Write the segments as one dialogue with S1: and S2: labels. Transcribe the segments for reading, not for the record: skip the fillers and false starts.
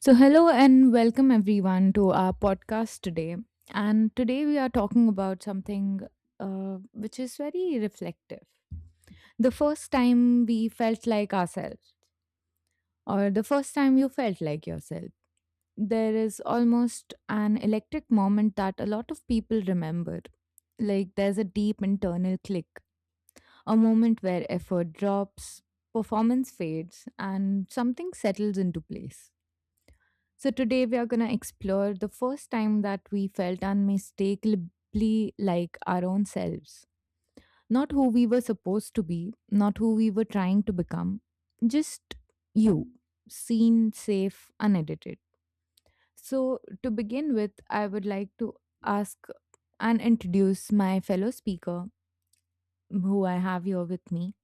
S1: So, hello and welcome everyone to our podcast today. And today we are talking about something which is very reflective. The first time we felt like ourselves, or the first time you felt like yourself, there is almost an electric moment that a lot of people remember. Like there's a deep internal click, a moment where effort drops, performance fades, and something settles into place. So, today we are going to explore the first time that we felt unmistakably like our own selves. Not who we were supposed to be, not who we were trying to become, just you, seen, safe, unedited. So, to begin with, I would like to ask and introduce my fellow speaker who I have here with me.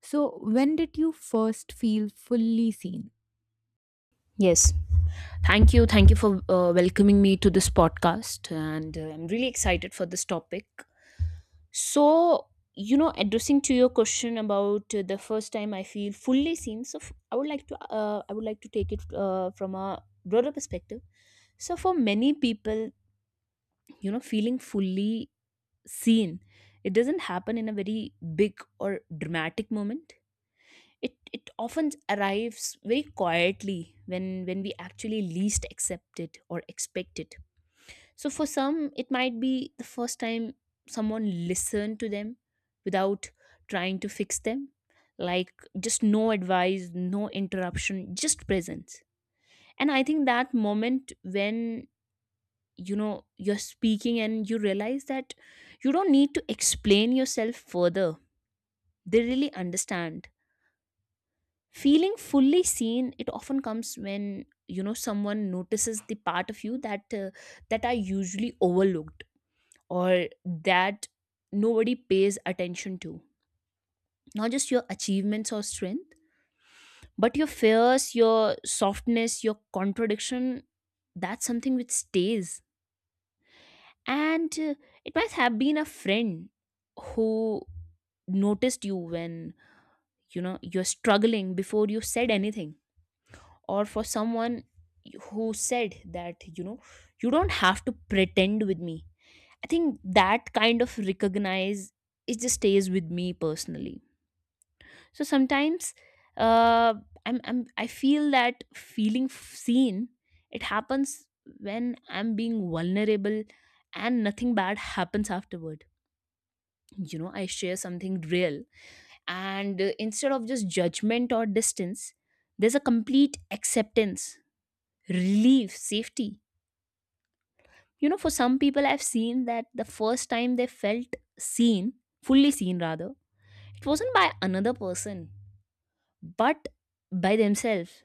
S1: So, when did you first feel fully seen?
S2: Yes. Thank you. Thank you for welcoming me to this podcast. And I'm really excited for this topic. So, addressing to your question about the first time I feel fully seen. So, I would like to, take it from a broader perspective. So, for many people, feeling fully seen, it doesn't happen in a very big or dramatic moment. It often arrives very quietly, when we actually least accept it or expect it. So for some, it might be the first time someone listened to them without trying to fix them. Like, just no advice, no interruption, just presence. And I think that moment, when you know you're speaking and you realize that you don't need to explain yourself further, they really understand. Feeling fully seen, it often comes when someone notices the part of you that are usually overlooked, or that nobody pays attention to. Not just your achievements or strength, but your fears, your softness, your contradiction. That's something which stays. And it might have been a friend who noticed you when you're struggling before you said anything, or for someone who said that you don't have to pretend with me. I think that kind of recognize, it just stays with me personally. So sometimes, uh I feel that feeling seen, it happens when I'm being vulnerable and nothing bad happens afterward. You know, I share something real, and instead of just judgment or distance, there's a complete acceptance, relief, safety. You know, for some people, I've seen that the first time they felt seen, fully seen rather, it wasn't by another person, but by themselves.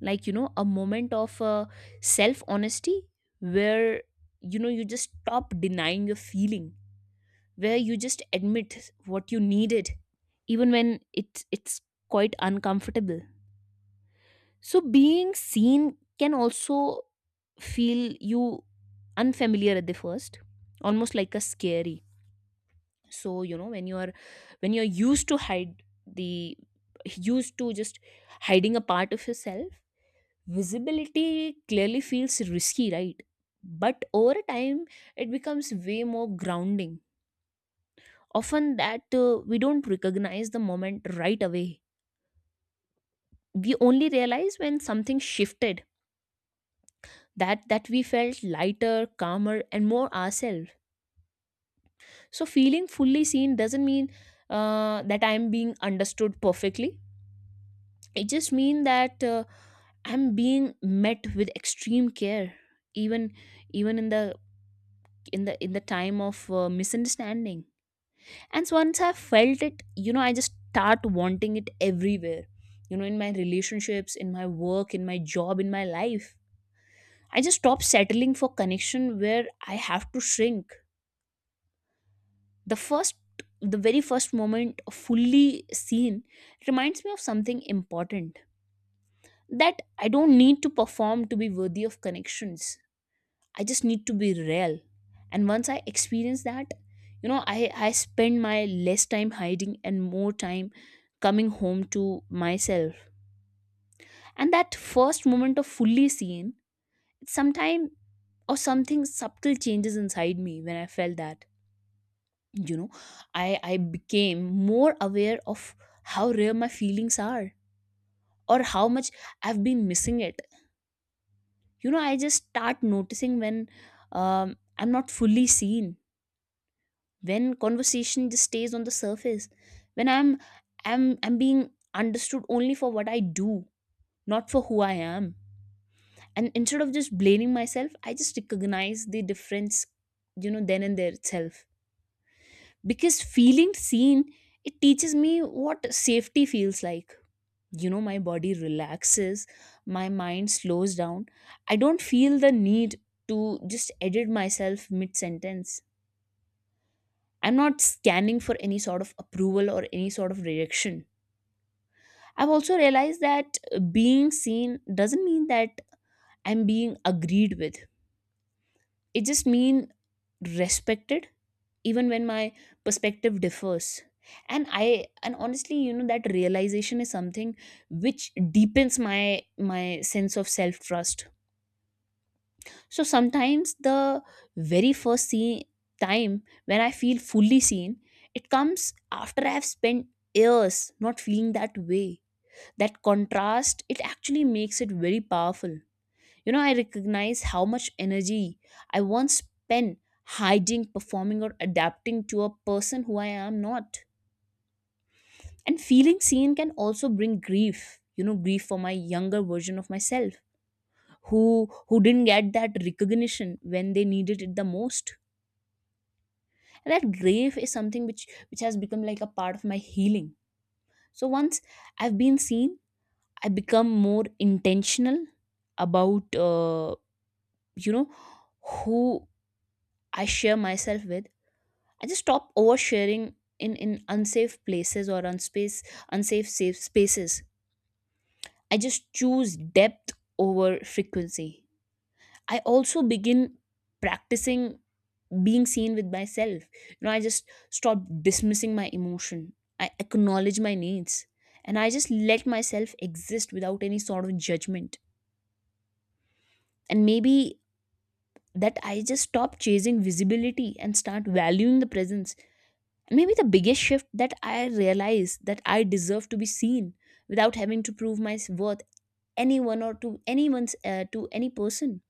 S2: Like, a moment of self honesty where, you just stop denying your feeling, where you just admit what you needed, even when it's quite uncomfortable. So being seen can also feel you unfamiliar at the first, almost like a scary. So when you are when you're used to hide the used to just hiding a part of yourself, visibility clearly feels risky, right? But over time, it becomes way more grounding. Often that, we don't recognize the moment right away. We only realize when something shifted, that we felt lighter, calmer, and more ourselves. So feeling fully seen doesn't mean that I'm being understood perfectly. It just means that I'm being met with extreme care, even even in the time of misunderstanding. And so once I felt it, I just start wanting it everywhere, in my relationships, in my work, in my job, in my life. I just stop settling for connection where I have to shrink. The first the very first moment fully seen reminds me of something important, that I don't need to perform to be worthy of connections. I just need to be real. And once I experience that, I spend my less time hiding and more time coming home to myself. And that first moment of fully seeing, sometime or something subtle changes inside me when I felt that. You know, I became more aware of how rare my feelings are, or how much I've been missing it. I just start noticing when I'm not fully seen, when conversation just stays on the surface, when I'm being understood only for what I do, not for who I am. And instead of just blaming myself, I just recognize the difference, then and there itself. Because feeling seen, it teaches me what safety feels like. My body relaxes, my mind slows down. I don't feel the need to just edit myself mid sentence. I'm not scanning for any sort of approval or any sort of rejection. I've also realized that being seen doesn't mean that I'm being agreed with. It just means respected, even when my perspective differs. And I and honestly, that realization is something which deepens my sense of self trust. So sometimes the very first time when I feel fully seen, it comes after I've spent years not feeling that way. That contrast, it actually makes it very powerful. I recognize how much energy I once spent hiding, performing, or adapting to a person who I am not. And feeling seen can also bring grief, grief for my younger version of myself who didn't get that recognition when they needed it the most. And that grief is something which has become like a part of my healing. So once I've been seen, I become more intentional about you know who I share myself with. I just stop oversharing in unsafe places, or unspace unsafe safe spaces. I just choose depth over frequency. I also begin practicing being seen with myself. I just stop dismissing my emotion. I acknowledge my needs, and I just let myself exist without any sort of judgment. And maybe that I just stop chasing visibility and start valuing the presence. And maybe the biggest shift, that I realize that I deserve to be seen without having to prove my worth anyone, or to any person.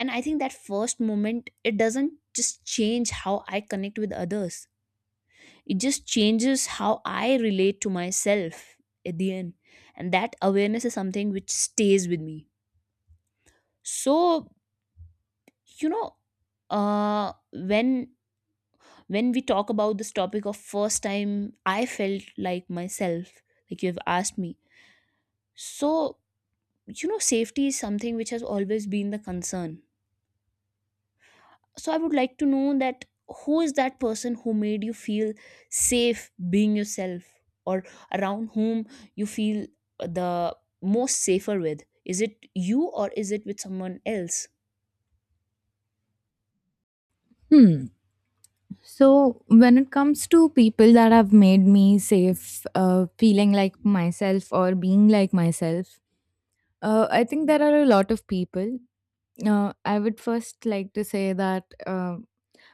S2: And I think that first moment, it doesn't just change how I connect with others, it just changes how I relate to myself at the end. And that awareness is something which stays with me. So you know uh when when we talk about this topic of first time I felt like myself, like you have asked me. So safety is something which has always been the concern. So I would like to know that, who is that person who made you feel safe being yourself, or around whom you feel the most safer with? Is it you, or is it with someone else?
S1: Hmm. So, when it comes to people that have made me safe, feeling like myself or being like myself, I think there are a lot of people. I would first like to say that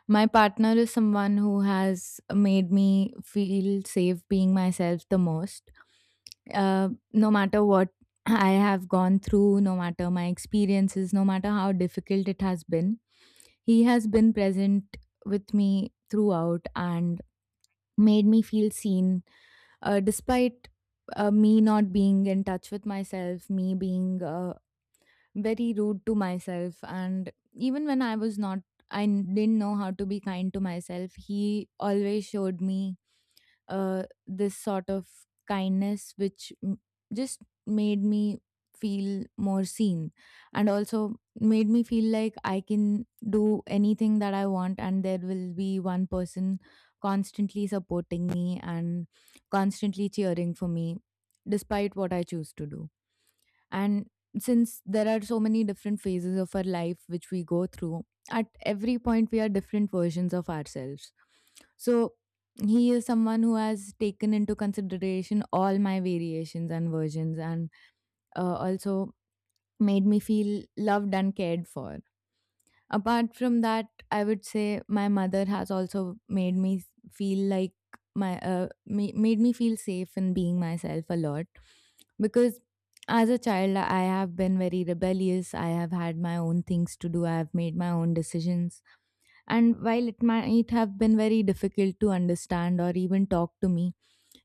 S1: my partner is someone who has made me feel safe being myself the most. No matter what I have gone through, no matter my experiences, no matter how difficult it has been, he has been present with me throughout and made me feel seen, despite me not being in touch with myself, me being very rude to myself. And even when I was not, didn't know how to be kind to myself, he always showed me this sort of kindness which just made me feel more seen, and also made me feel like I can do anything that I want and there will be one person constantly supporting me and constantly cheering for me despite what I choose to do. And since there are so many different phases of our life which we go through, at every point we are different versions of ourselves. So he is someone who has taken into consideration all my variations and versions, and also made me feel loved and cared for. Apart from that, I would say my mother has also feel like my made me feel safe in being myself a lot, because as a child I have been very rebellious. I have had my own things to do. I have made my own decisions. And while it might have been very difficult to understand or even talk to me,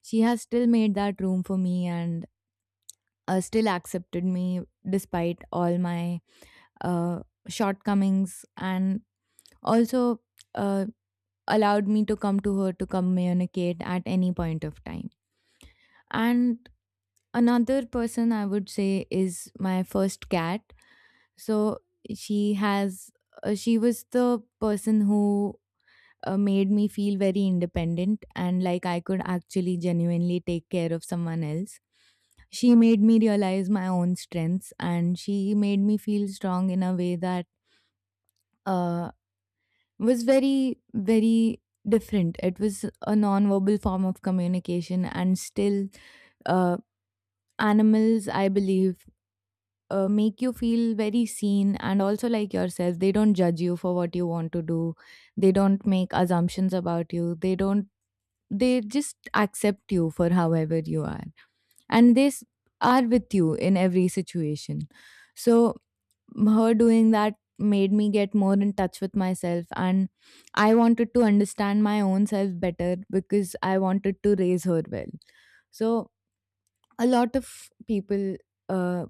S1: she has still made that room for me and still accepted me despite all my uh, shortcomings, and also uh, allowed me to come to her to communicate at any point of time. And another person I would say is my first cat. So she has, she was the person who made me feel very independent and like I could actually genuinely take care of someone else. She made me realize my own strengths and she made me feel strong in a way that. Uh, was very, very different. It was a non-verbal form of communication, and still, uh, animals, I believe, make you feel very seen and also like yourself. They don't judge you for what you want to do. They don't make assumptions about you. They don't. They just accept you for however you are, and are with you in every situation. So her doing that made me get more in touch with myself, and I wanted to understand my own self better because I wanted to raise her well. So a lot of people, uh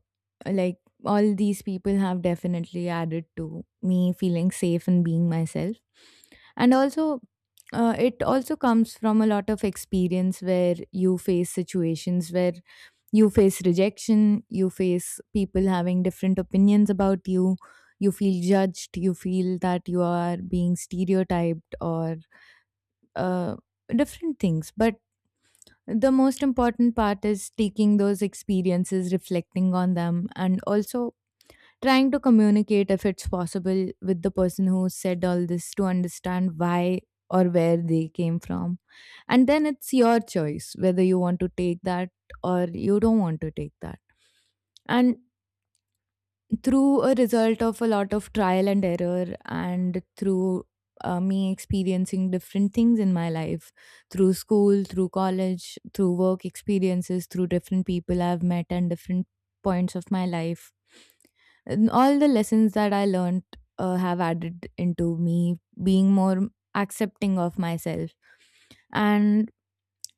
S1: like all these people have definitely added to me feeling safe and being myself. And also, it also comes from a lot of experience where you face situations where you face rejection, you face people having different opinions about you, you feel judged, you feel that you are being stereotyped, or uh, different things. But the most important part is taking those experiences, reflecting on them, and also trying to communicate, if it's possible, with the person who said all this, to understand why or where they came from. And then it's your choice whether you want to take that or you don't want to take that. And through a result of a lot of trial and error, and through me experiencing different things in my life, through school, through college, through work experiences, through different people I've met and different points of my life, and all the lessons that I learned, have added into me being more accepting of myself. And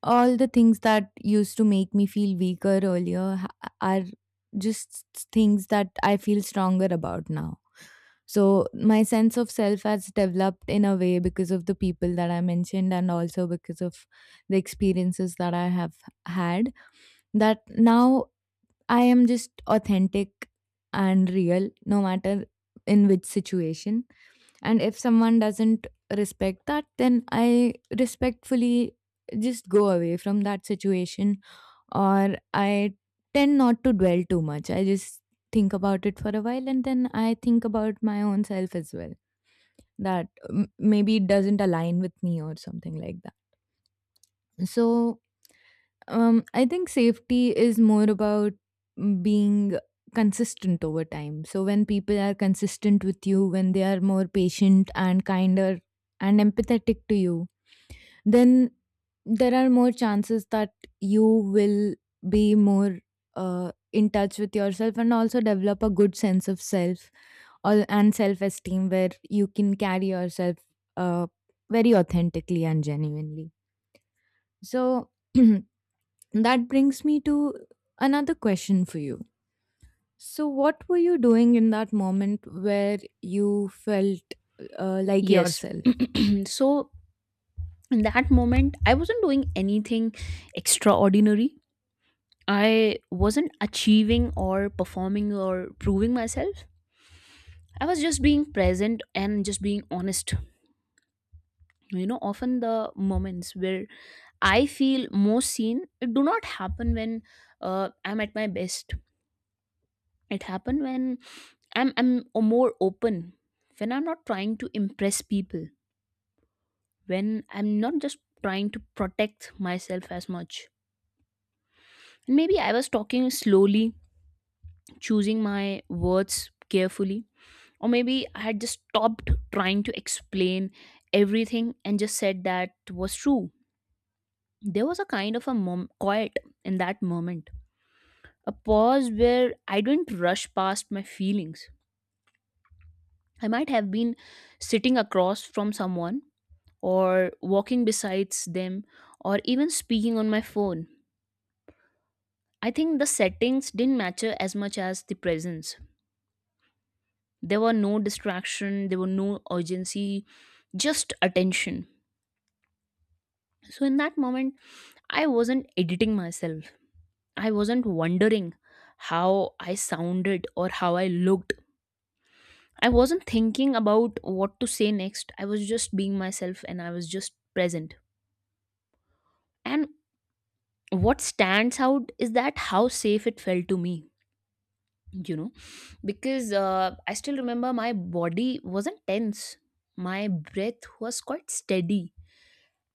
S1: all the things that used to make me feel weaker earlier are just things that I feel stronger about now. So my sense of self has developed in a way because of the people that I mentioned, and also because of the experiences that I have had, that now I am just authentic and real, no matter in which situation. And if someone doesn't respect that, then I respectfully just go away from that situation, or I tend not to dwell too much. I just think about it for a while, and then I think about my own self as well, that maybe it doesn't align with me or something like that. So I think safety is more about being consistent over time. So when people are consistent with you, when they are more patient and kinder and empathetic to you, then there are more chances that you will be more in touch with yourself and also develop a good sense of self, or and self esteem, where you can carry yourself uh, very authentically and genuinely. So that brings me to another question for you. So, what were you doing in that moment where you felt like
S2: Yes.
S1: yourself?
S2: So in that moment, I wasn't doing anything extraordinary. I wasn't achieving or performing or proving myself. I was just being present and just being honest. Often the moments where I feel most seen, it do not happen when I'm at my best. It happen when I'm more open, when I'm not trying to impress people, when I'm not just trying to protect myself as much. And maybe I was talking slowly, choosing my words carefully, or maybe I had just stopped trying to explain everything and just said that was true. There was a kind of a quiet in that moment, a pause where I don't rush past my feelings. I might have been sitting across from someone, or walking besides them, or even speaking on my phone. I think the settings didn't matter as much as the presence. There were no distraction, there were no urgency, just attention. So, in that moment, I wasn't editing myself. I wasn't wondering how I sounded or how I looked. I wasn't thinking about what to say next. I was just being myself and I was just present. And what stands out is that how safe it felt to me, you know, because I still remember my body wasn't tense, my breath was quite steady.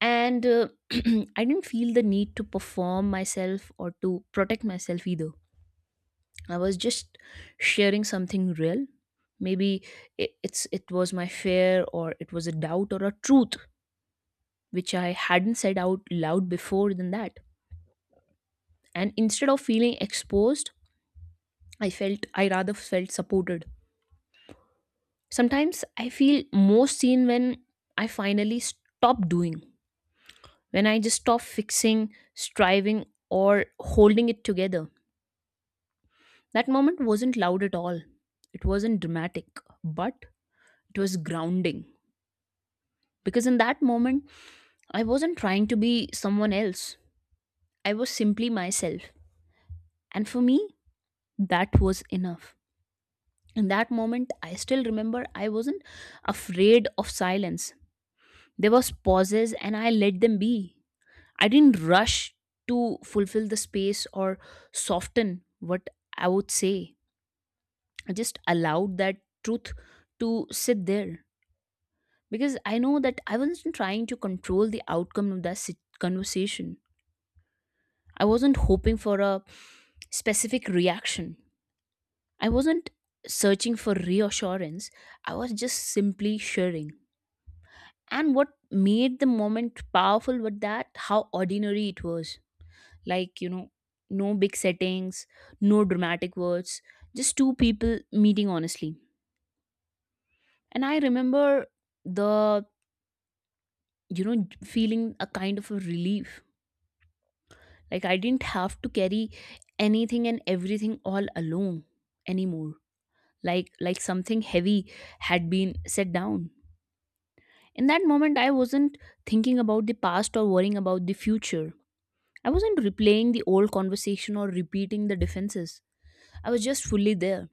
S2: And I didn't feel the need to perform myself or to protect myself either. I was just sharing something real. Maybe it was my fear, or it was a doubt or a truth which I hadn't said out loud before than that. And instead of feeling exposed, I rather felt supported. Sometimes I feel most seen when I finally stop doing, when I just stop fixing, striving, or holding it together. That moment wasn't loud at all. It wasn't dramatic, but it was grounding. Because in that moment, I wasn't trying to be someone else. I was simply myself. And for me, that was enough. In that moment, I still remember, I wasn't afraid of silence. There was pauses, and I let them be. I didn't rush to fulfill the space or soften what I would say. I just allowed that truth to sit there, because I know that I wasn't trying to control the outcome of that conversation. I wasn't hoping for a specific reaction, I wasn't searching for reassurance, I was just simply sharing. And what made the moment powerful was that how ordinary it was. Like, no big settings, no dramatic words, just two people meeting honestly. And I remember the, feeling a kind of a relief. Like, I didn't have to carry anything and everything all alone anymore. Like, something heavy had been set down. In that moment, I wasn't thinking about the past or worrying about the future. I wasn't replaying the old conversation or repeating the defenses. I was just fully there.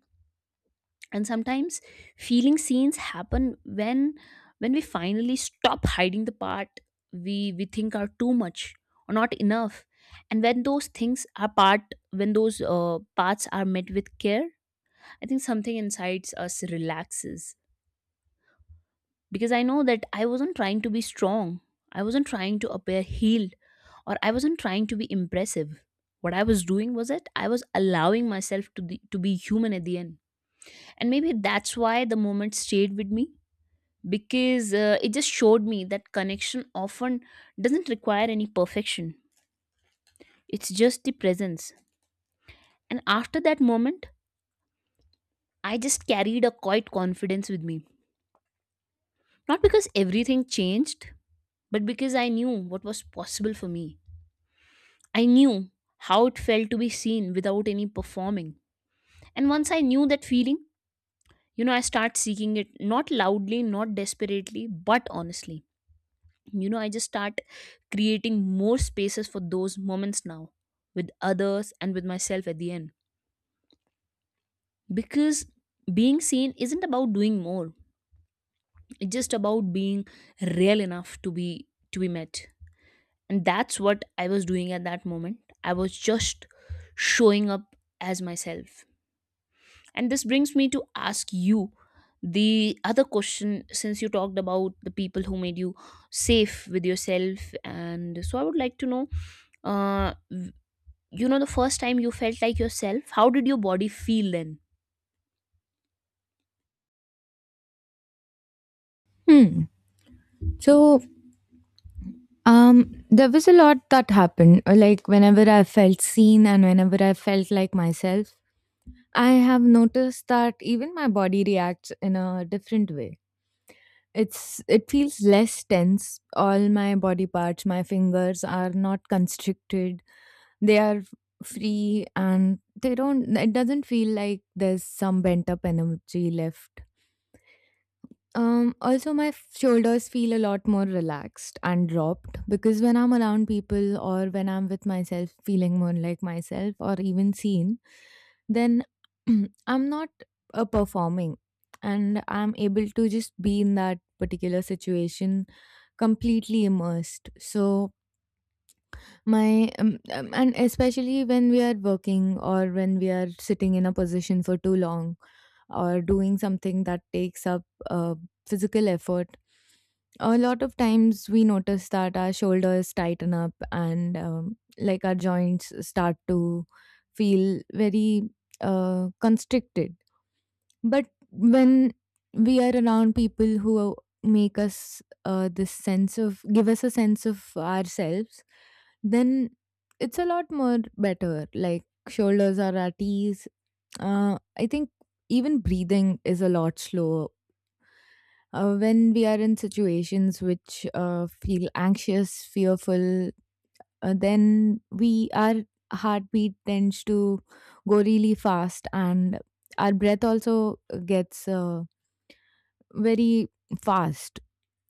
S2: And sometimes feeling scenes happen when we finally stop hiding the part we think are too much or not enough. And when those things are part when those parts are met with care, I think something inside us relaxes because I know that I wasn't trying to be strong. I wasn't trying to appear healed, or I wasn't trying to be impressive. What I was doing was that I was allowing myself to be human at the end. And maybe that's why the moment stayed with me because it just showed me that connection often doesn't require any perfection. It's just the presence. And after that moment, I just carried a quiet confidence with me. Not because everything changed, but because I knew what was possible for me. I knew how it felt to be seen without any performing. And once I knew that feeling, I start seeking it, not loudly, not desperately, but honestly. I just start creating more spaces for those moments now, with others and with myself at the end, because being seen isn't about doing more. It's just about being real enough to be met. And that's what I was doing at that moment. I was just showing up as myself. And this brings me to ask you the other question, since you talked about the people who made you safe with yourself. And so I would like to know, uh, w- the first time you felt like yourself, how did your body feel then?
S1: Hmm. So, there was a lot that happened. Like, whenever I felt seen and whenever I felt like myself, I have noticed that even my body reacts in a different way. It feels less tense. All my body parts, my fingers are not constricted, they are free, and they don't it doesn't feel like there's some bent up energy left. Also my shoulders feel a lot more relaxed and dropped, because when I'm around people, or when I'm with myself feeling more like myself or even seen, then I'm not performing, and I'm able to just be in that particular situation completely immersed. So my and especially when we are working or when we are sitting in a position for too long, or doing something that takes up uh, physical effort, a lot of times we notice that our shoulders tighten up, and like our joints start to feel very constricted. But when we are around people who make us this sense of give us a sense of ourselves, then it's a lot more better. Like shoulders are at ease. I think even breathing is a lot slower. When we are in situations which feel anxious, fearful, then we our heartbeat tends to go really fast, and our breath also gets. Very fast.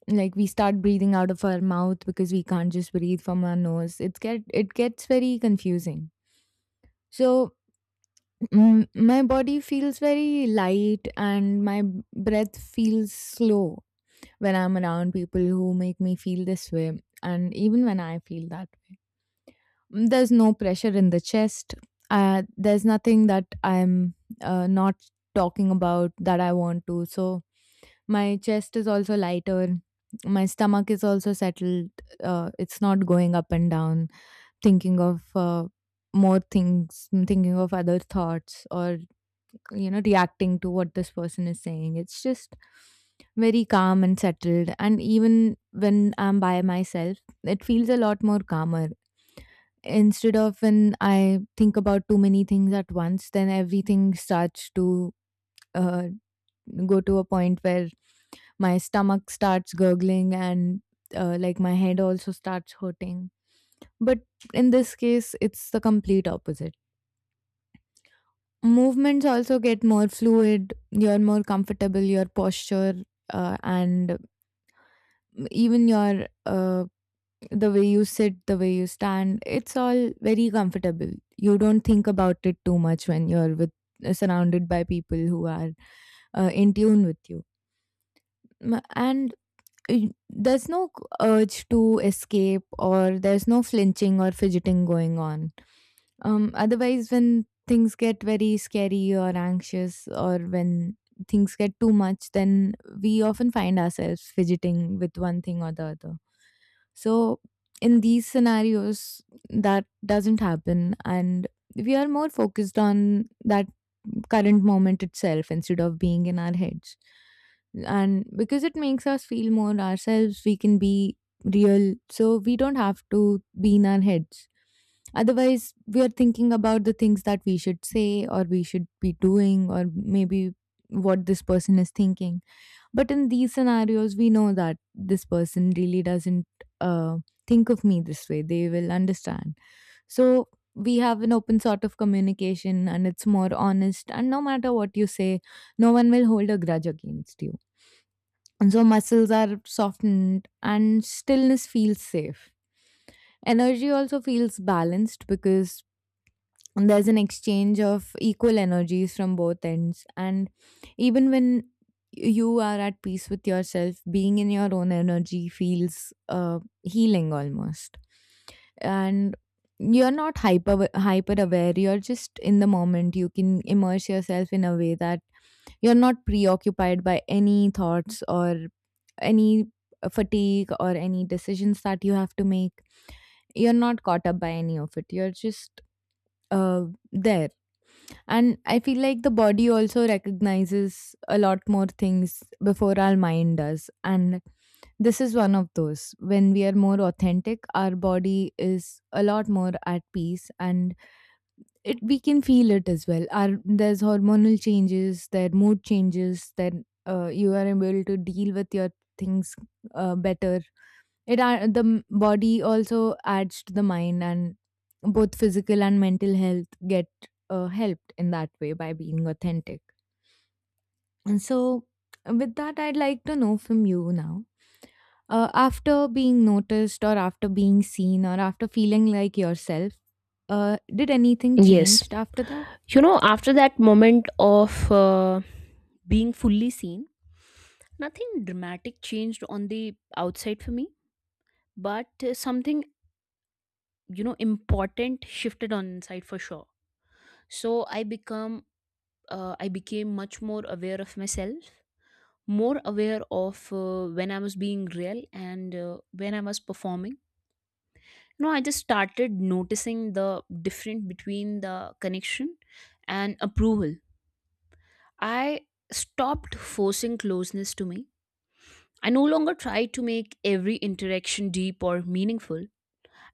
S1: Like we start breathing out of our mouth because we can't just breathe from our nose. It gets very confusing. So, my body feels very light and my breath feels slow when I'm around people who make me feel this way, and even when I feel that way. There's no pressure in the chest. There's nothing that I'm not talking about that I want to. So my chest is also lighter. My stomach is also settled. It's not going up and down, thinking of more things, thinking of other thoughts, or you know, reacting to what this person is saying. It's just very calm and settled. And even when I'm by myself, it feels a lot more calmer, instead of when I think about too many things at once, then everything starts to uh, go to a point where my stomach starts gurgling, and like my head also starts hurting. But in this case, it's the complete opposite. Movements also get more fluid, you're more comfortable, your posture, and even your the way you sit, the way you stand, it's all very comfortable. You don't think about it too much when you're with surrounded by people who are in tune with you. And there's no urge to escape, or there's no flinching or fidgeting going on. Otherwise, when things get very scary or anxious, or when things get too much, then we often find ourselves fidgeting with one thing or the other. So in these scenarios, that doesn't happen, and we are more focused on that current moment itself instead of being in our heads. And because it makes us feel more ourselves, we can be real. So we don't have to be in our heads. Otherwise, we are thinking about the things that we should say, or we should be doing, or maybe what this person is thinking. But in these scenarios, we know that this person really doesn't uh, think of me this way. They will understand. So we have an open sort of communication and it's more honest. And no matter what you say, no one will hold a grudge against you. And so muscles are softened and stillness feels safe. Energy also feels balanced, because there's an exchange of equal energies from both ends. And even when you are at peace with yourself, being in your own energy feels healing almost. And you're not hyper aware, you're just in the moment. You can immerse yourself in a way that you're not preoccupied by any thoughts, or any fatigue, or any decisions that you have to make. You're not caught up by any of it, you're just uh, there. And I feel like the body also recognizes a lot more things before our mind does. And this is one of those. When we are more authentic, our body is a lot more at peace, and it we can feel it as well. Our, there's hormonal changes, there are mood changes, then you are able to deal with your things better. It uh, the m- body also adds to the mind, and both physical and mental health get helped in that way by being authentic. And so, with that, I'd like to know from you now. After being noticed, or after being seen, or after feeling like yourself, did anything
S2: Yes.
S1: changed after that?
S2: You know, after that moment of being fully seen, nothing dramatic changed on the outside for me, but something, you know, important shifted on inside for sure. So I became much more aware of myself, more aware of when I was being real and when I was performing. I just started noticing the difference between the connection and approval. I stopped forcing closeness to me. I no longer tried to make every interaction deep or meaningful.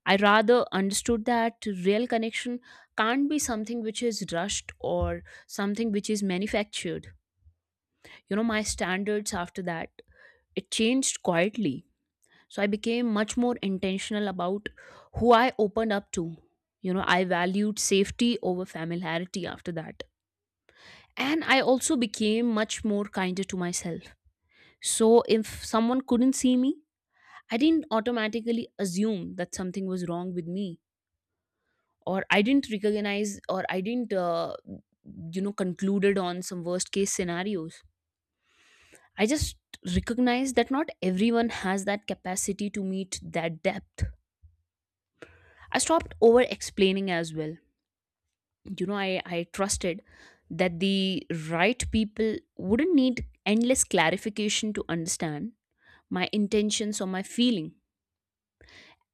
S2: I rather understood that real connection can't be something which is rushed or something which is manufactured. You know, my standards after that, it changed quietly. So I became much more intentional about who I opened up to. You know, I valued safety over familiarity after that. And I also became much more kinder to myself. So if someone couldn't see me, I didn't automatically assume that something was wrong with me, or I didn't recognize, or I didn't you know, concluded on some worst case scenarios. I just recognized that not everyone has that capacity to meet that depth. I stopped over explaining as well. You know, I trusted that the right people wouldn't need endless clarification to understand my intentions or my feeling.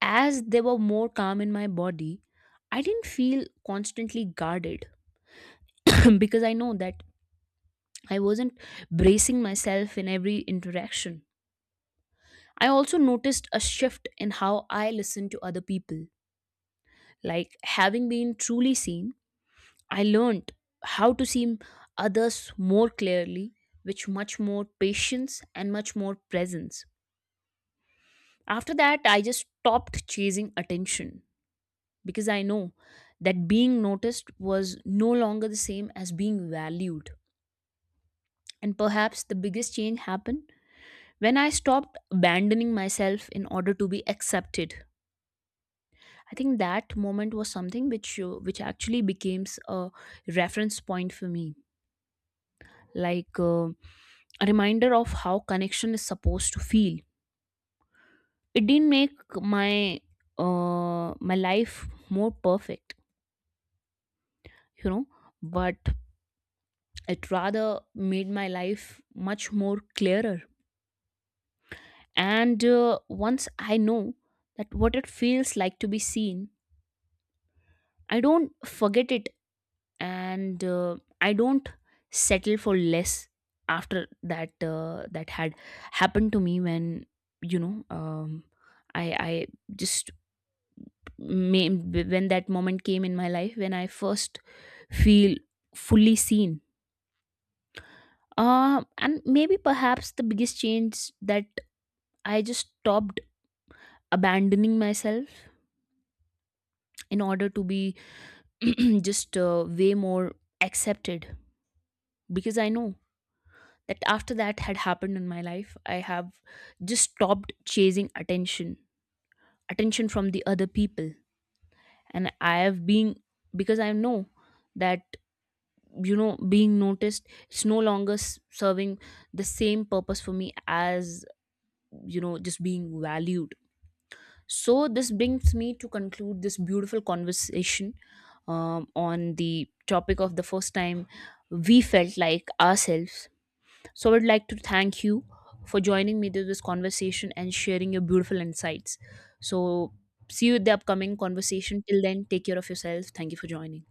S2: As they were more calm in my body, I didn't feel constantly guarded because I know that I wasn't bracing myself in every interaction. I also noticed a shift in how I listen to other people. Like having been truly seen, I learned how to see others more clearly, with much more patience and much more presence. After that, I just stopped chasing attention because I know that being noticed was no longer the same as being valued. And perhaps the biggest change happened when I stopped abandoning myself in order to be accepted. I think that moment was something which actually becomes a reference point for me, like a reminder of how connection is supposed to feel. It didn't make my life more perfect, you know, but it rather made my life much more clearer. And once I know that what it feels like to be seen, I don't forget it, and I don't settle for less. After that, that had happened to me when, you know I I just may, when that moment came in my life when I first feel fully seen, and maybe perhaps the biggest change that I just stopped abandoning myself in order to be just way more accepted, because I know that after that had happened in my life, I have just stopped chasing attention, attention from the other people. And I have been, because I know that, you know, being noticed, it's no longer s- serving the same purpose for me as, you know, just being valued. So this brings me to conclude this beautiful conversation, on the topic of the first time we felt like ourselves. So I would like to thank you for joining me to this conversation and sharing your beautiful insights. So see you at the upcoming conversation. Till then, take care of yourself. Thank you for joining.